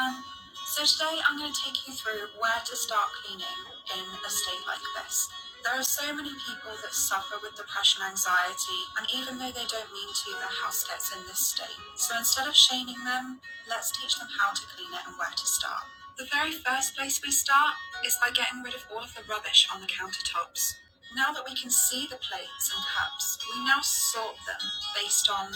Um, so today I'm going to take you through where to start cleaning in a state like this. There are so many people that suffer with depression, anxiety, and even though they don't mean to, their house gets in this state. So instead of shaming them, let's teach them how to clean it and where to start. The very first place we start is by getting rid of all of the rubbish on the countertops. Now that we can see the plates and cups, we now sort them based on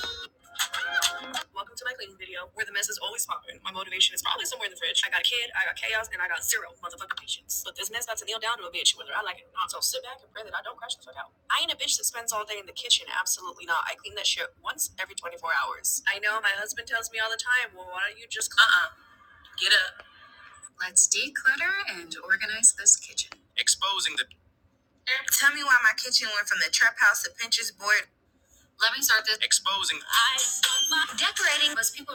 exposing the. Tell me why my kitchen went from the house to Pinterest board. Let me start this. Exposing. Decorating. Was people.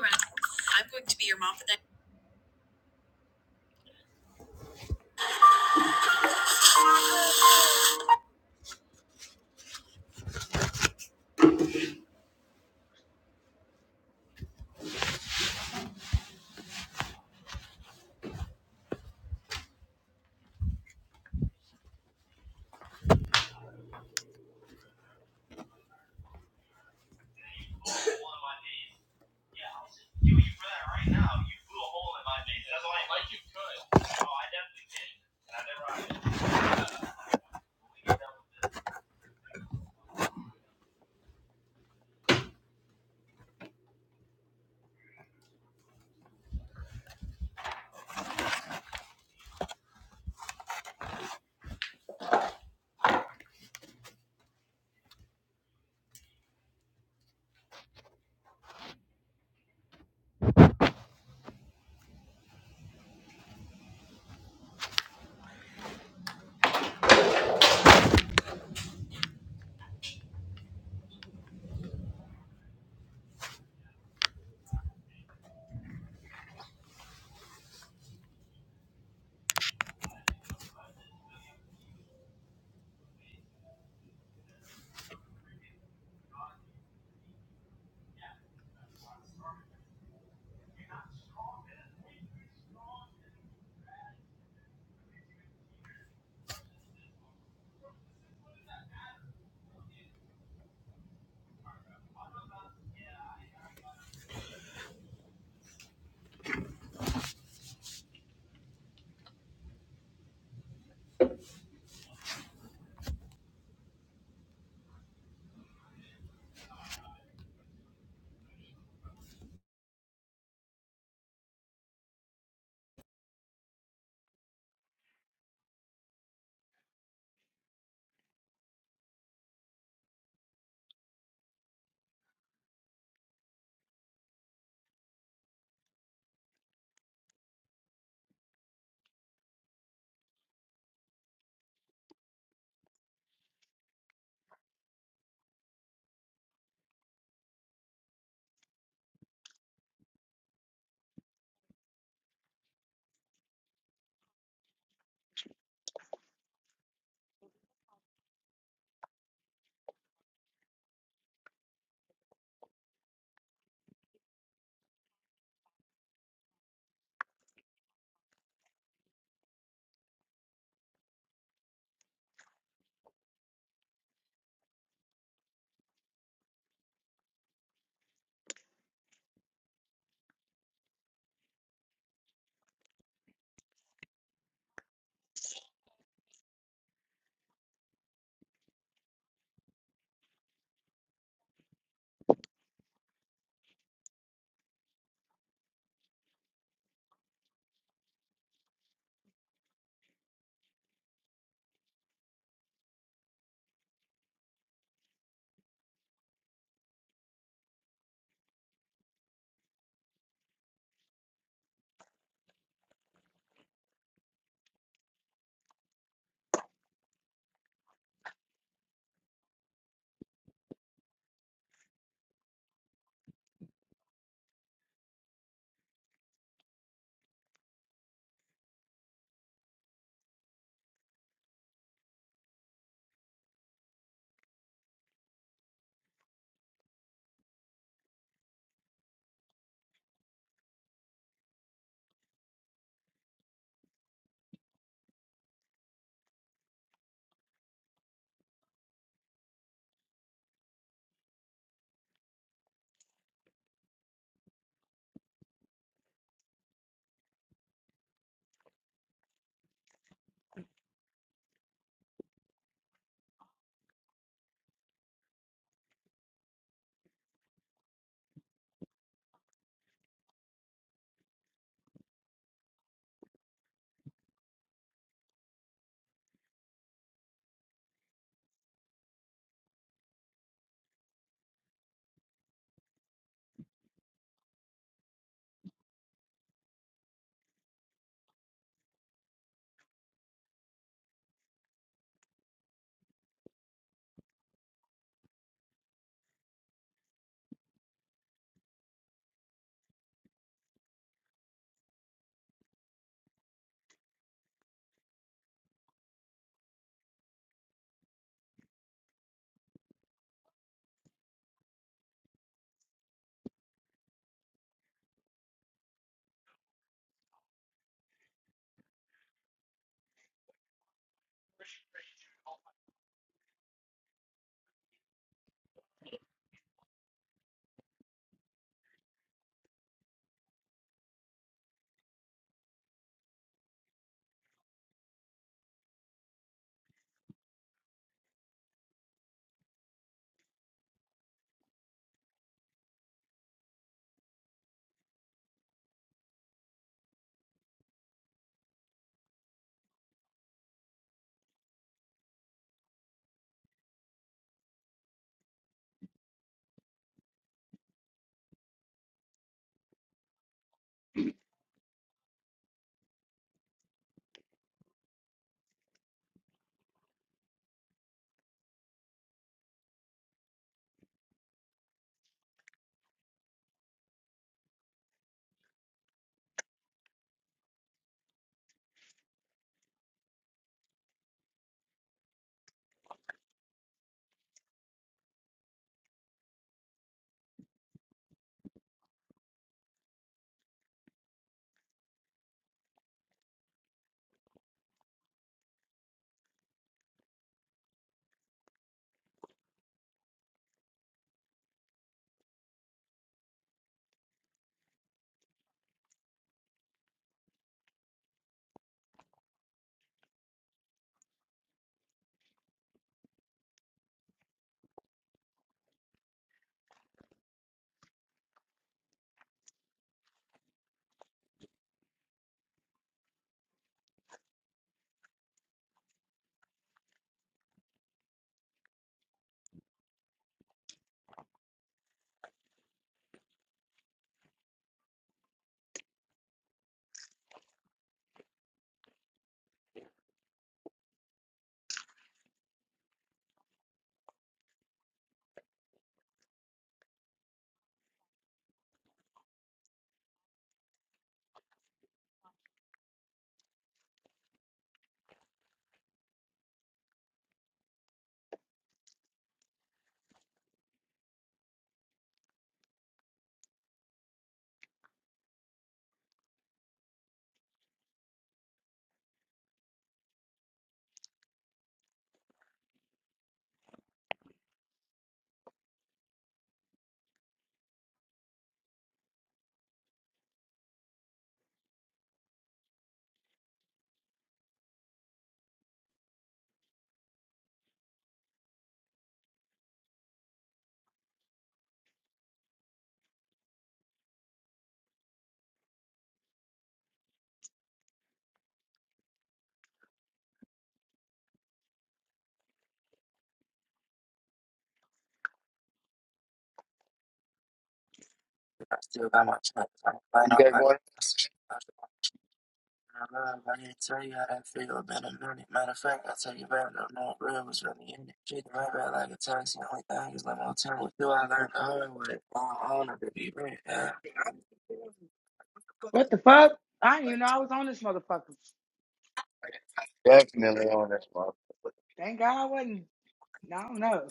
You got What the fuck? I didn't even know I was on this motherfucker. definitely on this motherfucker. Thank God I wasn't. No, I don't know.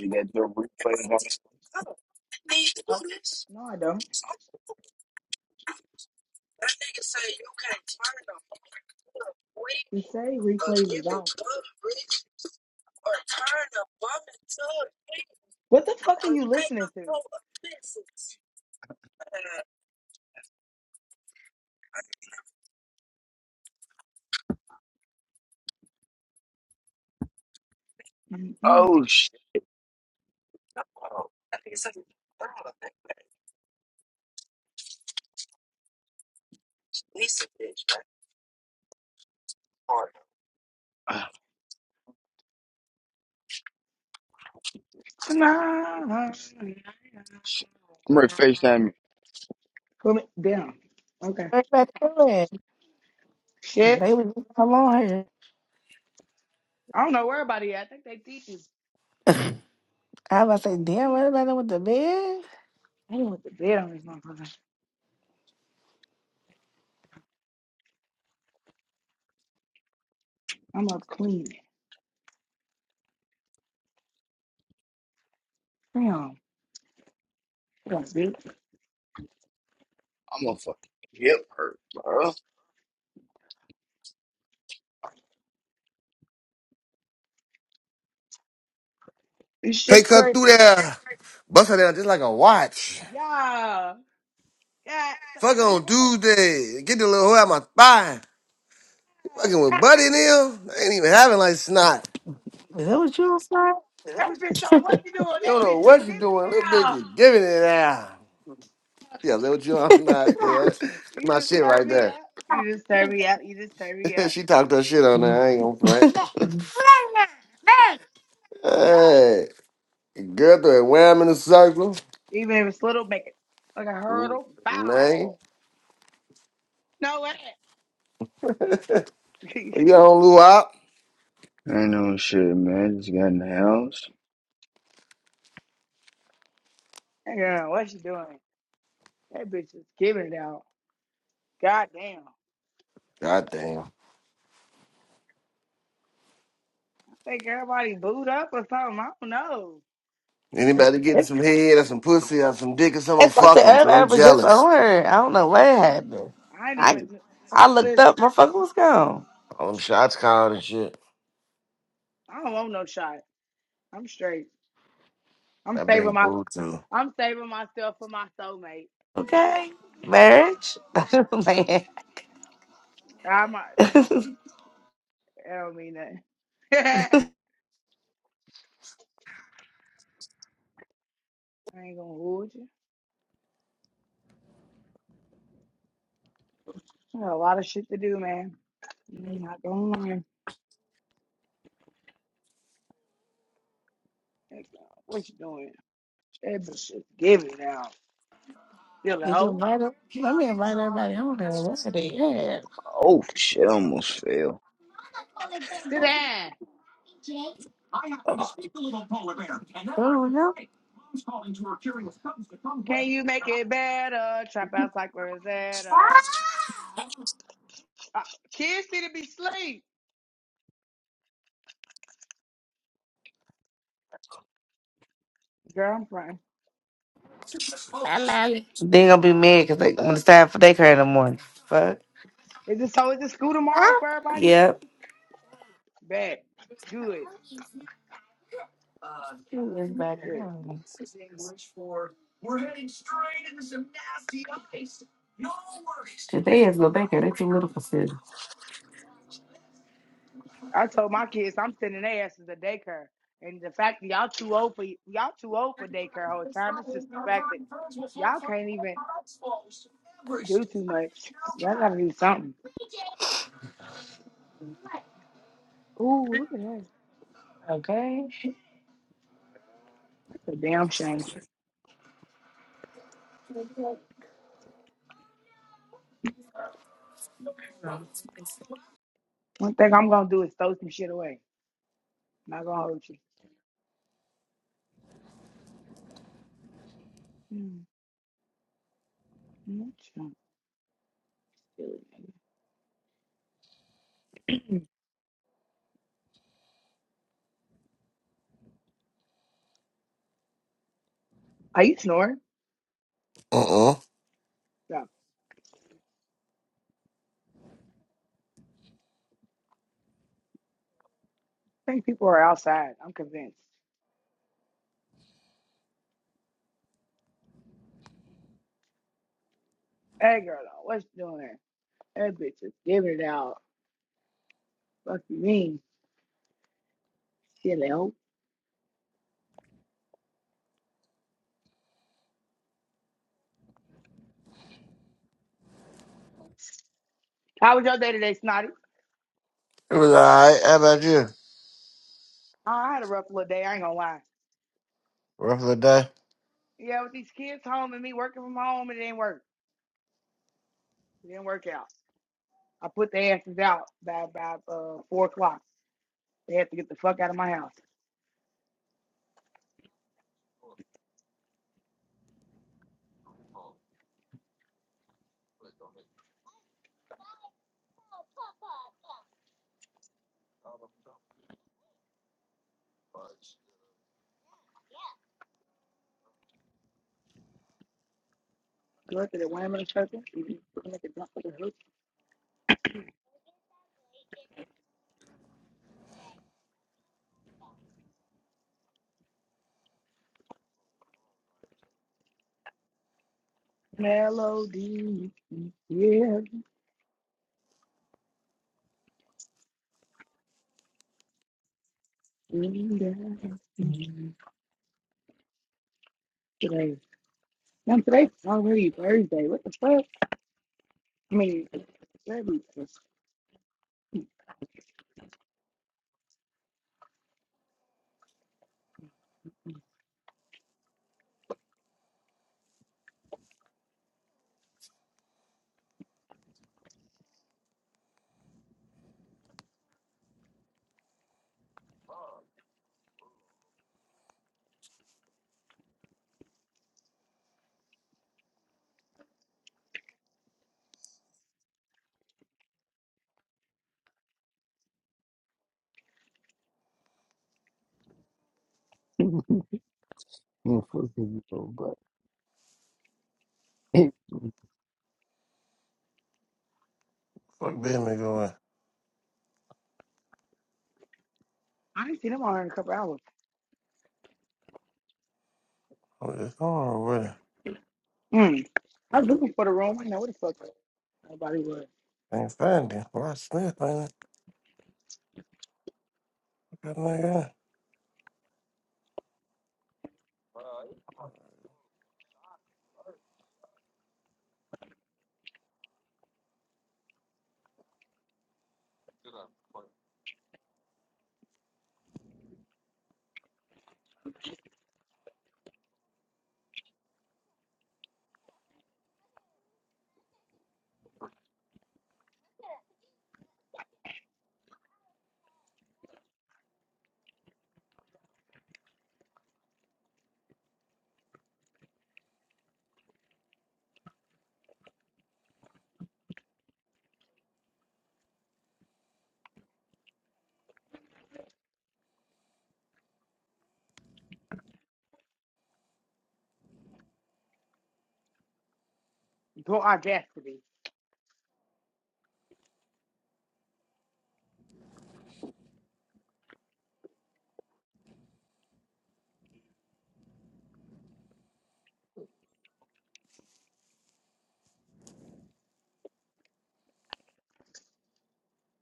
You got your replays on. I, no, I don't. You say replays is on. What the fuck are you listening to? Mm-mm. Oh, Tonight. shit. I'm ready to FaceTime you. Put me down. Okay. What about doing? Shit. They was just come on here. I don't know where everybody at. I think they teachers. I was about to say, damn, what about them with the bed? I didn't want the bed on this motherfucker. I'm up clean. Damn. Come on, bitch. I'm gonna fucking hip hurt, bro. This Take shit her crazy. through there. Bust her down just like a watch. Yeah. Yeah. it's Fuck like, her He on going. Tuesday. Get the little hoe out my spine. You "Ah." fucking with Buddy and them? They ain't even having like snot. Is that what you was You That bitch don't what you doing. don't That know bitch what just you giving doing. Little it bitch out. is giving it out. Yeah, little Joe, I'm not. Yeah, You my just shit turn right me there. up. You just turn me up. You just turn me up. she talked her shit on there. saying? I ain't gonna front. Hey, girl, throw a wham in the circle. Even if it's little, make it like a Mm, hurdle. Man, Bow. No way. you don't lose out. I know shit, man. Just got in the house. That girl, what she doing? That bitch is giving it out. God damn. God damn. I think everybody booed up or something. I don't know. Anybody getting some head or some pussy or some dick or something, That's what I fuck said. them, because I'm Everybody was just jealous. on her. I don't know what happened. I ain't I even I looked listen. up, my fucker was gone. All them shots called and shit. I don't want no shot. I'm straight. I'm I've saving been my. booed too. I'm saving myself for my soulmate. Okay, marriage. Man, I might listen. I don't mean that. I ain't gonna hold you. I got a lot of shit to do, man. I'm not gonna lie. Like, uh, What you doing? That bitch is giving now. Feeling did you hoe. invite her? Let me invite everybody on there. What's the yeah. Oh, shit, I almost fell. Sit down. Oh no, Can you make it better? Trap out like Rosetta. Uh, uh, kids need to be sleep. Girl, I'm fine. Hello. they ain't gonna be mad because they when it's time for daycare in the morning. Fuck. Is this so? Is this school tomorrow for everybody? Yep. Bad. Good. Everybody Shit. on. Shit, they ass go back there. They too little for food. I told my kids I'm sending their asses to daycare. And the fact that y'all too old for y'all too old for daycare whole time. It's just the fact that y'all can't even do too much. Y'all gotta do something. Ooh, look at that. Okay. That's a damn shame. One thing I'm gonna do is throw some shit away. I'm not gonna hold you. Mm, mm, mm, Are you snoring? Uh-uh. No. I think people are outside. I'm convinced. Hey girl, what's you doing? there? That bitch is giving it out. Fuck you mean? Silly hoe. How was your day today, Snotty? It was alright. How about you? Oh, I had a rough little day. I ain't gonna lie. Rough of the day. Yeah, with these kids home and me working from home, it didn't work. It didn't work out. I put the asses out by about uh, four o'clock. They had to get the fuck out of my house. Good to the women circle. Mhm. Make it jump for the hook. Melody, yeah. Today, now today's already Thursday. What the fuck? I mean, Thursday. Motherfucker, bro, bro. Fuck business going. I ain't seen them all in a couple hours. I'm just going with it. Mm. I was looking for the room. I didn't know where the fuck nobody was. Ain't finding. Why Smith ain't it? What that nigga at? Go audacity.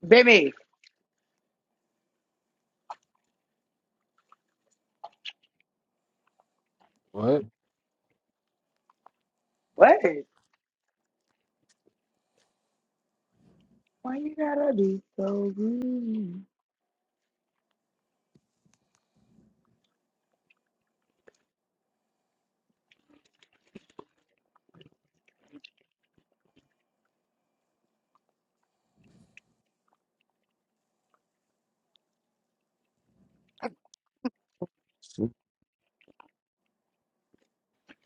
Baby, What? what? Why you gotta be so rude?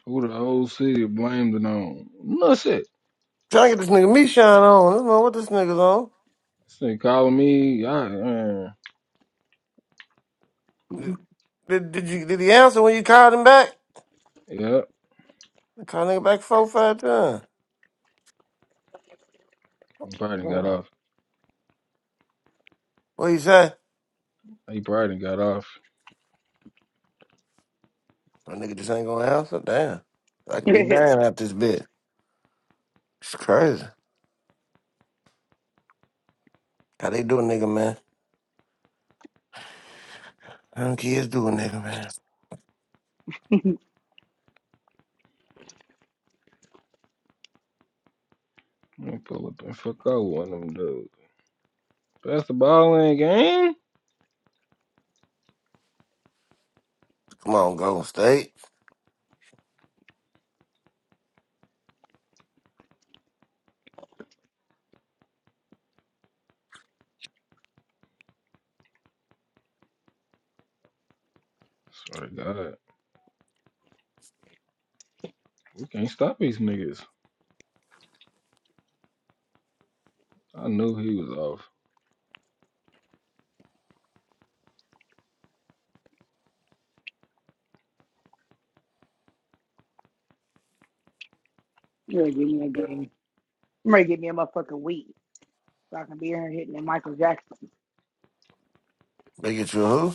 Who the whole city blamed it on? No shit. Trying to get this nigga me shine on. I don't know what this nigga's on. This nigga calling me. I, uh, Did, did, did you did he answer when you called him back? yeah. I called nigga back four, five times. He probably done got What off. he say? He probably done got off. That nigga just ain't gonna answer. Damn. I could be you dying out this bitch. It's crazy. How they do a nigga, man? How them kids do a nigga, man? I'm gonna pull up and fuck out one of them dudes. Pass the ball in game. Come on, Golden State. Swear to God. We can't stop these niggas. I knew he was off. ready give me a game. I'm ready to give me a motherfucking weed. So I can be in here hitting the Michael Jackson. They get you a who?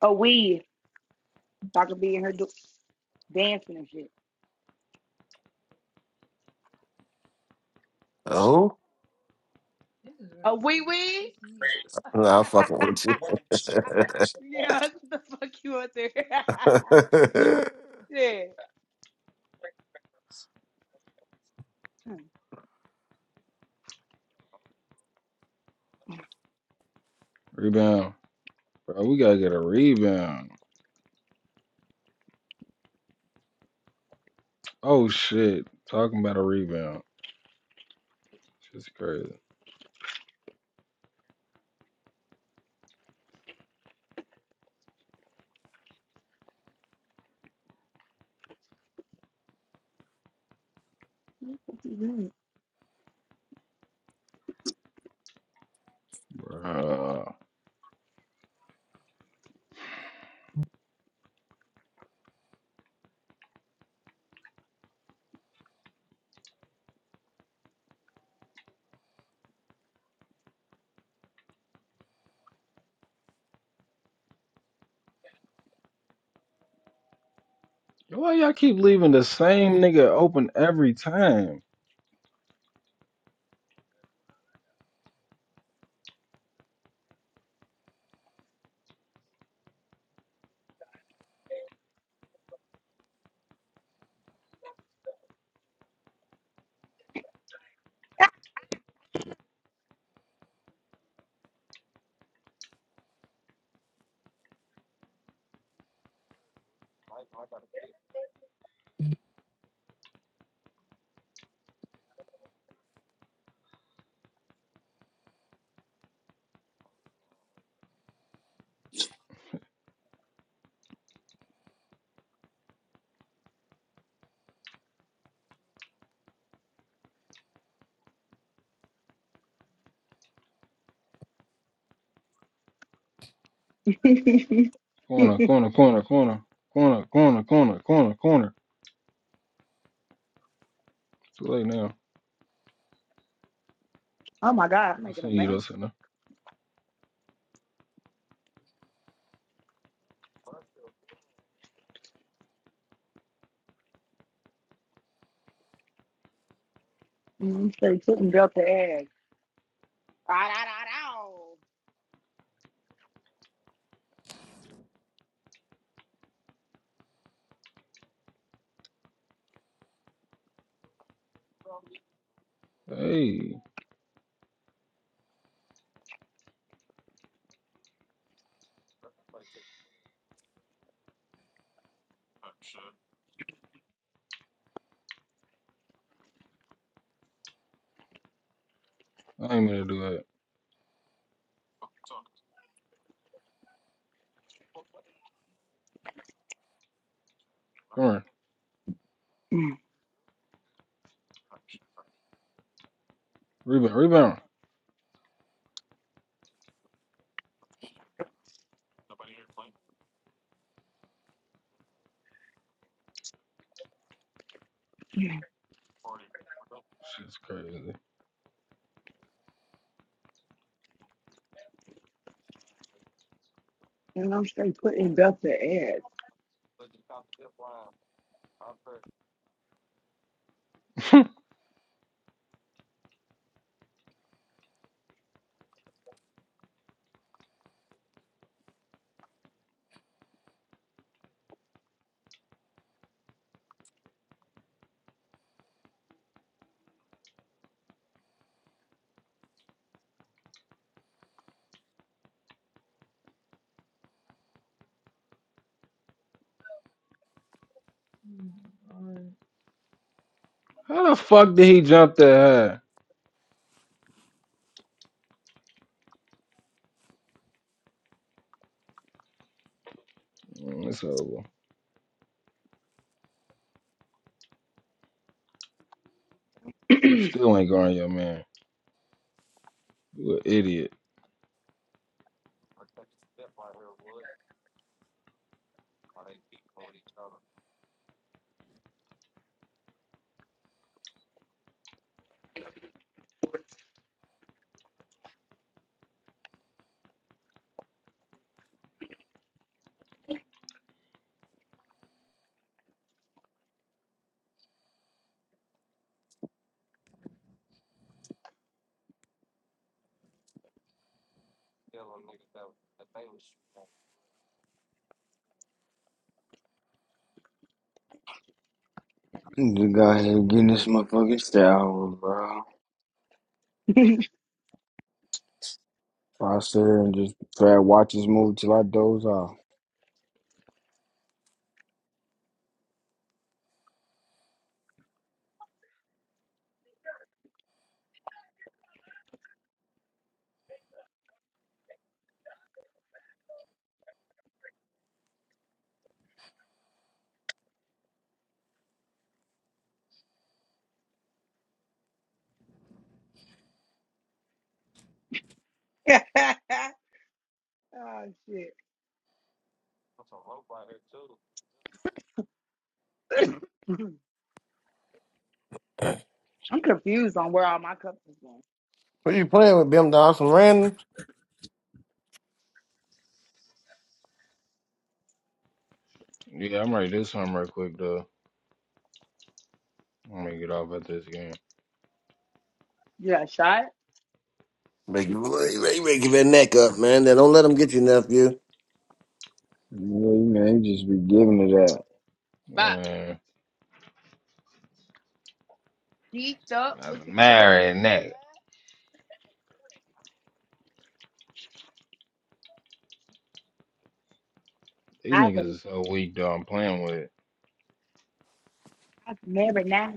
A weed. So I can be in here do- dancing and shit. A who? A wee wee? Nah, I'm fucking with you. yeah, what the fuck you out there? yeah. What Rebound. Bro, we gotta get a rebound. Oh shit. Talking about a rebound. Shit's crazy. you Bro. Why y'all keep leaving the same nigga open every time? doing? Corner, corner, corner, corner, corner, corner, corner, corner, corner. Too late now. oh my god, I'm I making a seen you though, mess. center. I'm straight putting Delta ass. Ah, da, da, Hey, I ain't meant to do that. Corner, da. rebound, rebound. Mm. Shit's crazy. And I'm straight putting Delta ass. How the fuck did he jump that high? Mm, It's over. You still ain't guarding your man. You an idiot. Just got here getting this motherfucking shower, bro. I sit here and just try to watch this movie till I doze off. oh shit. I'm confused on where all my cups is going. Who you playing with, Bim Dawson? Random? Yeah, I'm ready to do something real quick though. I'm gonna get off at this game. You got shot? Make you, make you make you that neck up, man. Now, don't let them get you, nephew. Yeah, you know, you just be giving it Fuck. Man, Geeked up as a looking for a marionette. These I've niggas is so weak though. I'm playing with it. I've never now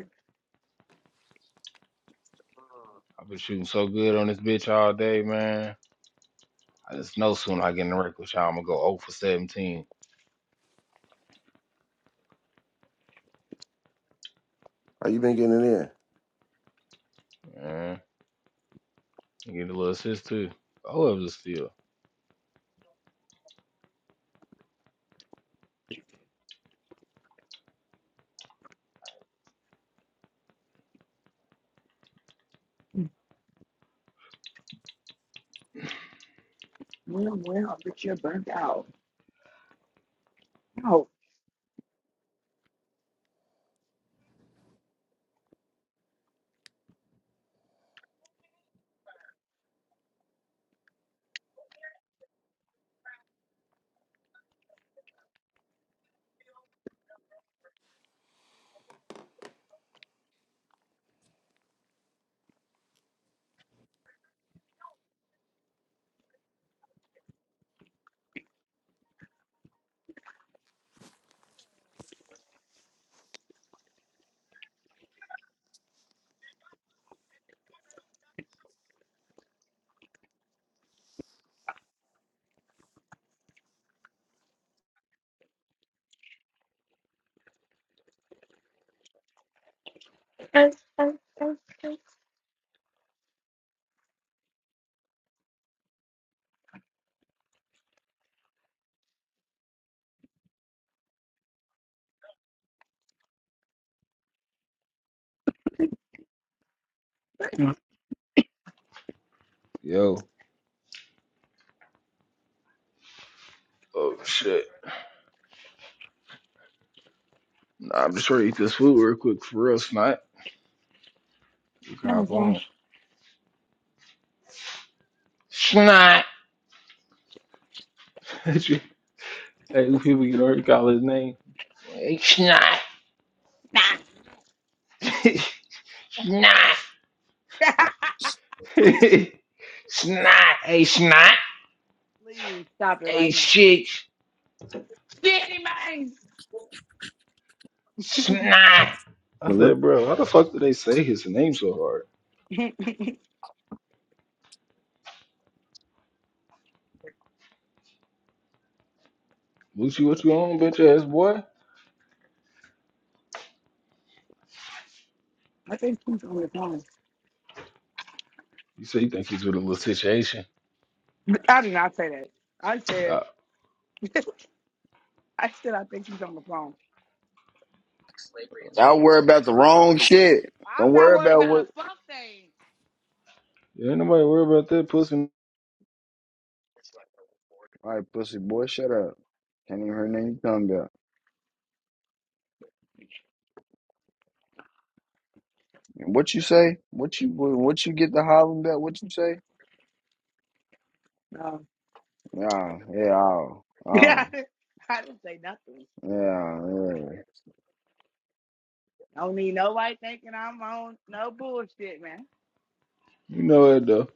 I've been shooting so good on this bitch all day, man. I just know soon I get in the wreck with y'all, I'm gonna go 0 for 17. How you been getting in here? Yeah, get a little assist too. Oh, it was a steal. well well but you're burnt out. No. Yo. Oh shit. Nah, I'm just trying to eat this food real quick for real, Snot. You can hop on. Snot. hey, who people you know you call his name. Hey, Snot. Nah. Snot. Snot. Hey, Snot. Please stop it Hey, right now. shit. Shitty man. Snot. I that. said, bro, how the fuck do they say his name so hard? Lucci, what you on, bitch ass boy? I think she's on the phone. You say you think he's with a little situation. I did not say that. I said Uh, I said I think she's on the phone. ain't Y'all worry slavery about the Now, wrong shit. I'm Don't not worry worried about about what. a fuck thing. nobody worry about that pussy. All right, pussy boy, shut up. Can't even hear nothing you talking about. And what you say? What you what what you get to hollering about? What you say? No. Yeah, yeah, oh, Yeah. oh, I didn't say nothing. yeah, yeah. Don't need nobody thinking I'm on no bullshit, man. You know it though.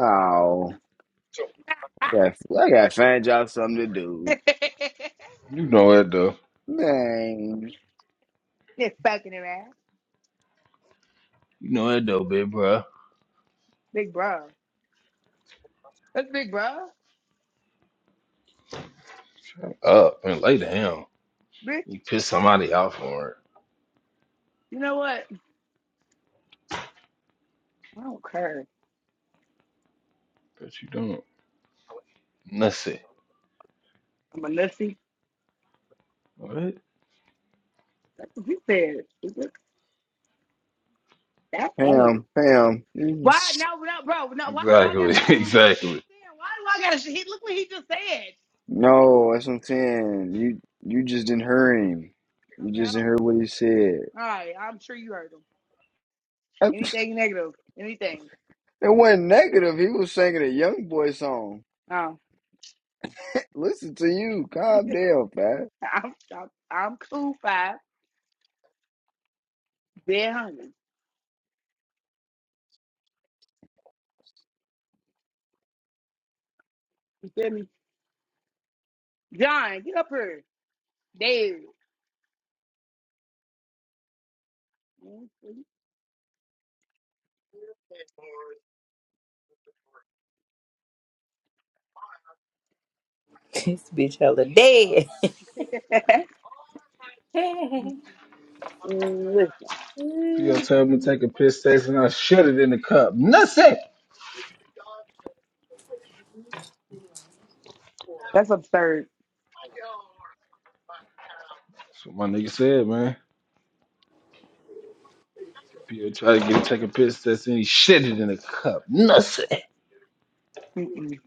Oh, yeah. I gotta find y'all something to do, You know it though. man. Just fucking around. You know it though, big bro. Big bro. That's big bro. Shut up and lay down. Bitch, You piss somebody off for it, you know what? I don't care. but you don't. Nussy. I'm a nussy. What? That's what he said. stupid. That ain't. Pam, Pam. you- Why? s- No, no, bro. No, why do I got Exactly. to show up? I'm exactly. saying, why do I got to? show? He Look what he just said. No, that's what I'm saying. You you just didn't hear him. You Okay, I just didn't don't hear care. what he said. All right, I'm sure you heard him. Anything negative, anything. It wasn't negative. He was singing a young boy song. Um, Listen to you. Calm down, Pat. I'm, I'm, I'm cool, five, dead hungry. You feel me? John, get up here. Dave. This bitch hella dead. Mm, Listen, If you gonna tell me to take a piss taste and I shut it in the cup. Nussy. That's that's absurd. what my nigga said, man. P.O. tried to get take a piss test and he shit it in a cup. Nussy. Mm-mm.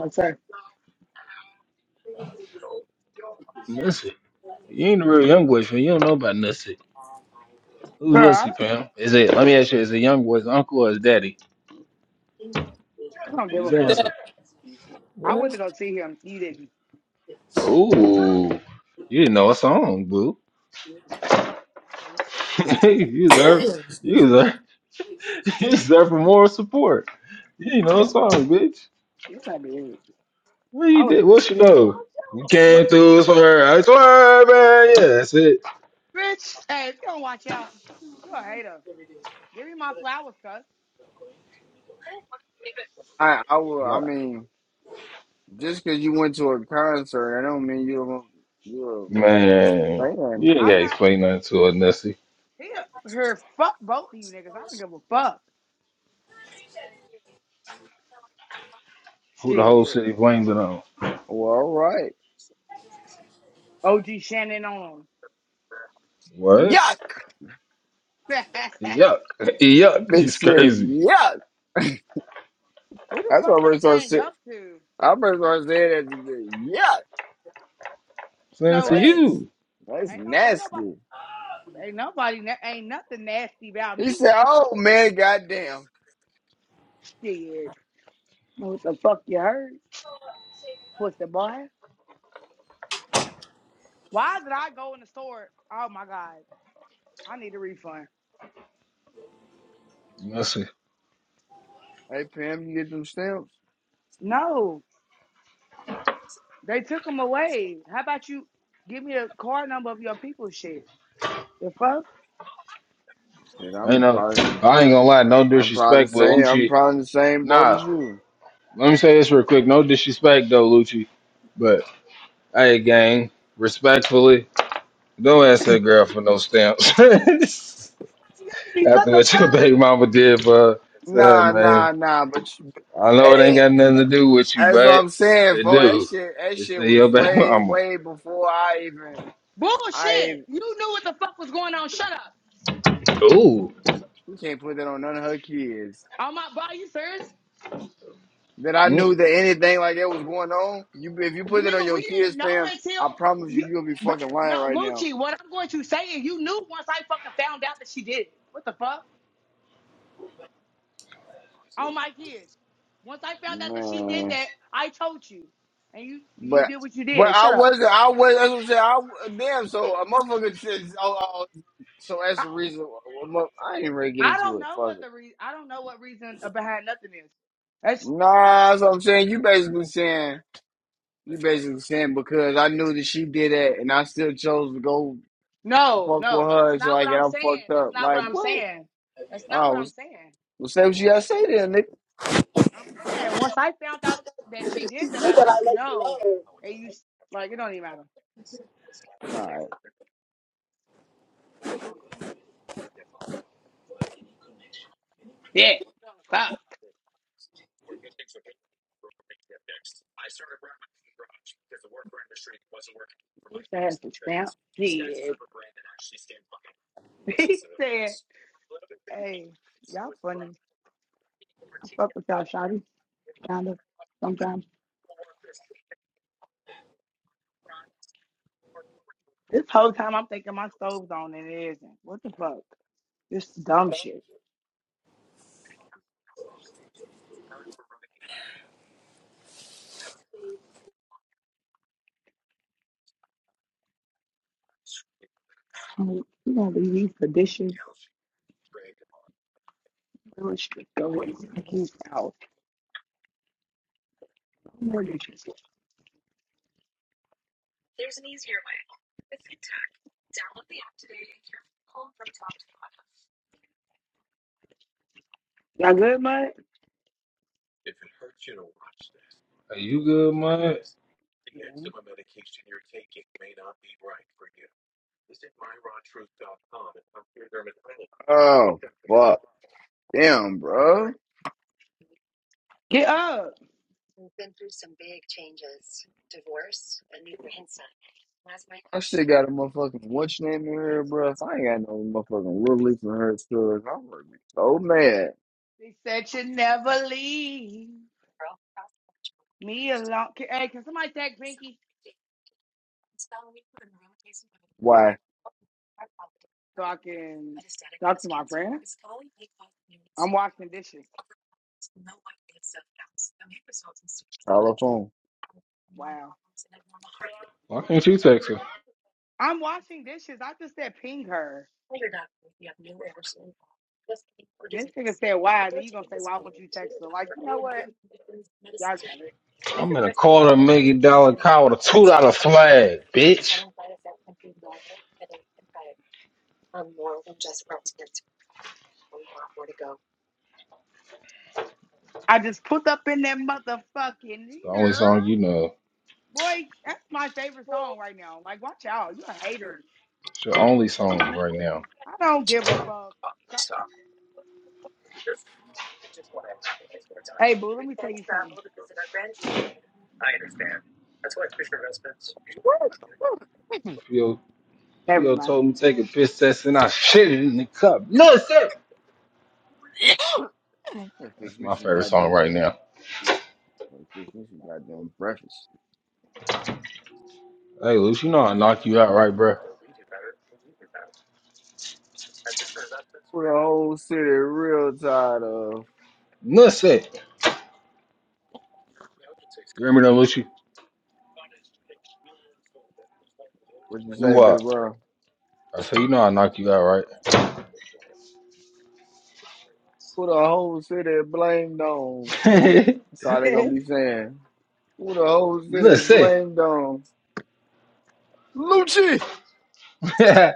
Absurd. Nussy. You ain't a real young boy, fan. You don't know about Nussy. Who's Bro, I Nipsey, don't, fam? Is it? Let me ask you: Is it Young Boy's uncle or his daddy? I don't give Just a fuck. answer. I what? went to go see him. You didn't. Ooh, you didn't know a song, boo. Alright. you deserve, you deserve, you deserve for moral support. You didn't know a That, song, bitch. that's not be it. What I you was, did? What you know? We bro, came through for her. I swear, man. Yeah, that's it. bitch, hey, if you don't watch out, you're a hater. Give me my flowers, cuz. I I will. I What? mean, just because you went to a concert, I don't mean you're a- you're a motherfucking Man, fan. you ain't I'm gotta not saying. explain nothing to her, It's Nessie. he, her, fuck both of you niggas. I don't give a fuck. Who the whole Shit. city blames it on? Well, all right. OG Shannon on What? Yuck. 'em. Yuck! Yuck! That bitch He's said crazy. yuck. Who the That's fuck what I y'all first started saying saying. yup to? I first started saying that. to say, Yuck. Saying it No to That's way. you, that's Ain't no, ain't nobody. nasty. Ain't nobody, na- ain't nothing nasty about He me. said, "Oh man, goddamn." Shit. What the fuck you heard? Pussy boy. Why did I go in the store? Oh my God. I need a refund. Nessie. Hey Pam, you get them stamps? No, they took them away. How about you give me a card number of your people shit? The fuck? Said, I I'm know. probably I ain't gonna lie, no I'm probably the disrespect, but same. I'm Lucci. probably in the same boat Nah, as you. let me say this real quick. No disrespect though, Lucci. But hey, gang, respectfully, don't ask that girl for no stamps. What After the what your fuck? baby mama did for her, to her, Nah, man. nah, nah. But you- I know that it ain't ain't. got nothing to do with you, That's what but I'm saying. it For that do. shit, that It's shit to your was baby way, mama. way before I even. I Bullshit. even- You knew what the fuck was going on. Shut up. Ooh. you can't put that on none of her kids. Oh my God, you serious? That I Mm, knew that anything like that was going on. You, if you put that on Nigga, we your didn't kids, know fam, until I promise you, you. you'll be Bro, fucking no, lying right now, Lucci, what I'm going to say is you knew once I fucking found out that she did it. What the fuck? on my kids. Once I found out that she did man. that, I told you, and you you But. did what you But did. I Shut up. wasn't. I was. That's what I'm saying. I damn. So a motherfucker says, "Oh, oh oh, so that's I, the reason." why- I ain't ready to get I into don't it. know Fuck what it. the re- I don't know what reason behind nothing is. That's I, Nah, that's what I'm saying. You basically saying you basically saying because I knew that she did that and I still chose to go no, fuck with no. It's her So not what like I'm I am saying. fucked That's up. not Like what I'm what? saying. That's not Oh, what I'm was saying. well, say what you gotta say then, nigga. I'm saying once I found out that she did that, I let you know, and you s- like it don't even matter. All right. Yeah. Fuck. Wish I had some stamp. Yeah. he said, "Hey, y'all funny. I fuck with y'all, Shotty. kind of sometimes. This whole time I'm thinking my stove's on and it isn't. What the fuck? This dumb shit. I mean, you gonna leave these for dishes? Really strict go away. Keep out. No more dishes. Y'all good, bud? are you good, man? Yeah. Oh fuck. Damn, bro. Get up. I still got a motherfucking what's your name in here, bro. If I ain't got no motherfucking little leaf in her stories, I'm gonna be so mad. They said you never leave me alone. Can, hey, can somebody tag Pinky Why? so I can talk to my friend? I'm washing dishes. Telephone. Wow. Why can't you text her? I'm washing dishes. I just said ping her. And this nigga said, why? Then you gonna say, why would you text her? Like, you know what? Y'all got it. I'm in a quarter million dollar car with a two dollar flag, bitch. I just put up in that motherfucking It's the only yeah, song you know. Boy, that's my favorite song right now. Like, watch out. You're a hater. It's your only song right now. I don't give a fuck. Hey, boo, let me tell you something. going Theo, Never Theo mind. told me take a piss test and I shit it in the cup. Nussy! That's Fix me my some favorite song goddamn. right now. Fix me some goddamn breakfast. Hey, Lucy, you know I knock you out, right, bruh? For the whole city, real tired of. Nussy! You remember that, Lucy? What you say, Lou up. big bro? I said, you know I knock you out, Who the whole city blamed on? right? That's all they gonna Get be saying. Who the whole city Nussy! blamed on? Lucci.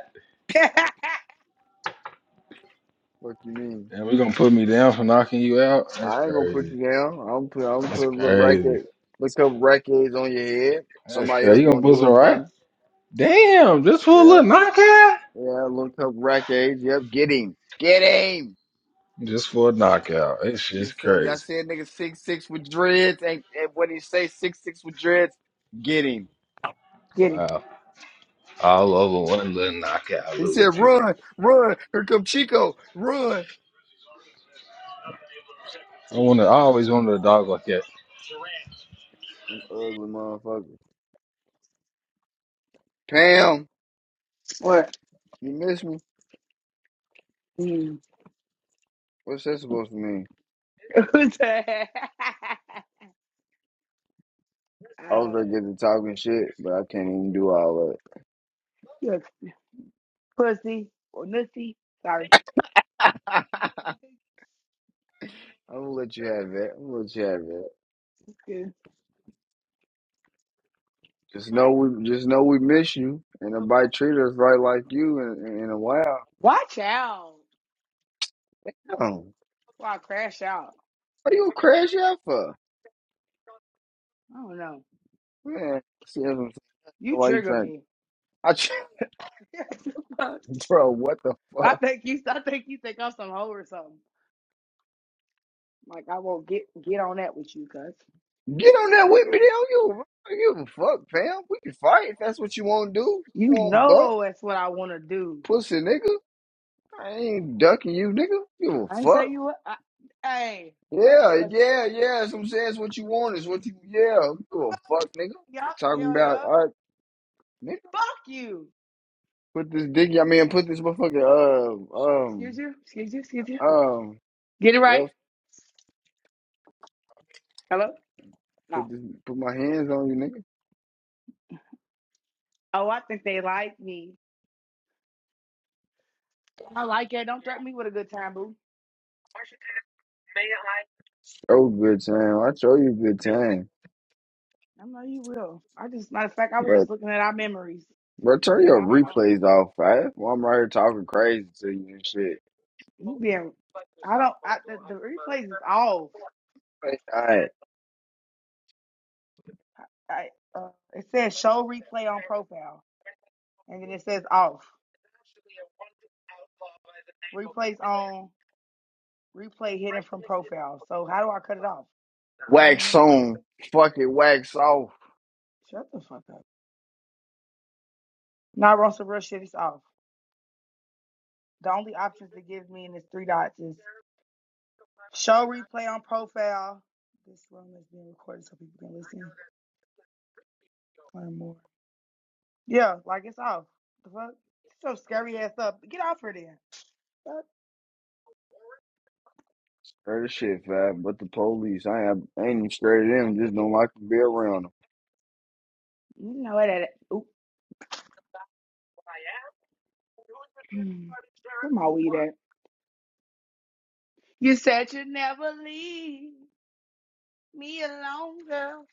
What you mean? and we gonna put me down for knocking you out? That's I ain't gonna put crazy. you down. I'm gonna put. I'm gonna That's put a little crazy. racket, little couple rackets on your head. That's Somebody else crazy. You gonna gonna put do some it for right? me. Damn, just for a Yeah. little knockout? Yeah, looked up rack age. Yep, get him. Get him. Just for a knockout. It's just Just tell him y'all crazy. said nigga six six with dreads. Ain't and what he say six six with dreads? Get him. it. Wow. all over one little knockout He little said, thing. run, run, here come Chico, run. I wanna I always wanted a dog like that. An ugly motherfucker. Pam, What? you miss me? Mm. What's that supposed to mean? uh, I was like getting to talking shit, but I can't even do all that. you're a pussy or nussy. Sorry. I'm gonna let you have that. I'm gonna let you have that. Just know we just know we miss you and nobody treat us right like you in, in a while. Watch out. Damn. Or I crash out. What are you crash out for? I don't know. Man, see, that's what I'm saying. I don't know You why you trigger trying? me. I try, I bro. What the fuck? think you I think you think I'm some hoe or something. Like I won't get get on that with you, cuz Get on that with me, damn you. bro. I don't give a fuck, fam. We can fight if that's what you want to do. You you want bump, know that's what I want to do. pussy nigga? I ain't ducking you, nigga. Give a I ain't say fuck. you. I, hey, I almost Yeah, cussed. yeah, yeah. That's what I'm saying. It's what you want. It's what you. Yeah, give a fuck, nigga. Yup, Talking hell about yeah. all right, nigga. Fuck you. Put this dick. I mean, put this motherfucker. Um, Excuse you. Excuse you. Excuse you. um, um. Get it right. Yes. Hello. Put No. this. Put my hands on you, nigga. Oh, I think they like me. I like it. Don't threaten me with a good time, boo. Oh, good time. I told you good time. I know you will. I just matter of fact, I was just But, looking at our memories bro, turn in your my phone. replays off, right? Well, I'm right here talking crazy to you and shit. You being, I don't. I, the, the replays is off. All right. I, uh, it says show replay on profile, and then it says off. Replays on. Replay hidden from profile. So how do I cut it off? What do you Wax mean? on. Fucking wax off. Shut the fuck up. Not on some real shit. It's off. The only options it gives me in this three dots is show replay on profile. This room is being recorded so people can listen, learn more. Yeah, like it's off. The fuck? It's So scary ass up. Get off her then. Fuck. Heard this shit, fam. But the police, I ain't, I ain't even scared of them. Just don't like to be around them. You know it. at- Oop. Where my weed at? You said you'd never leave me alone, girl.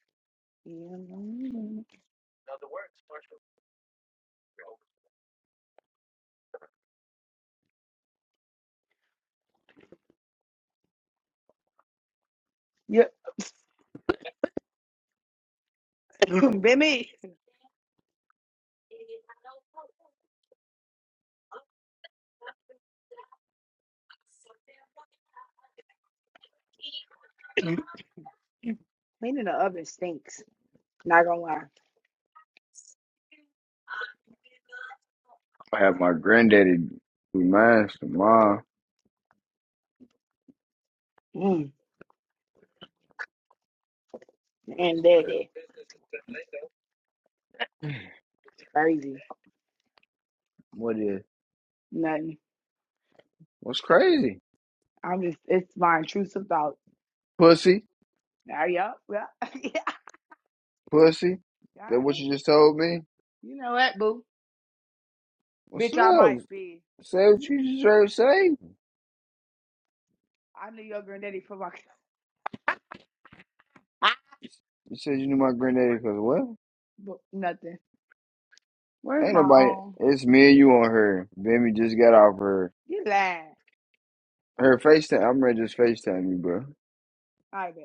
Me alone. Yeah, been me. Cleaning the oven stinks. Not gonna lie. I have my granddaddy be mine tomorrow. Mm. And that is crazy. What is? Nothing. What's crazy? I'm just it's my intrusive thought. Pussy? Ah, yeah, yeah, yeah. Pussy? All That what right. you just told me? You know what, boo? What's Bitch, I up? might be. Say what you just heard say. I knew your granddaddy for my You said you knew my granddaddy because what? but nothing. Where's Ain't my nobody. own? It's me and you on her. Baby just got off her. You lying. Her FaceTime. I'm ready to just FaceTime you, bro. I bet.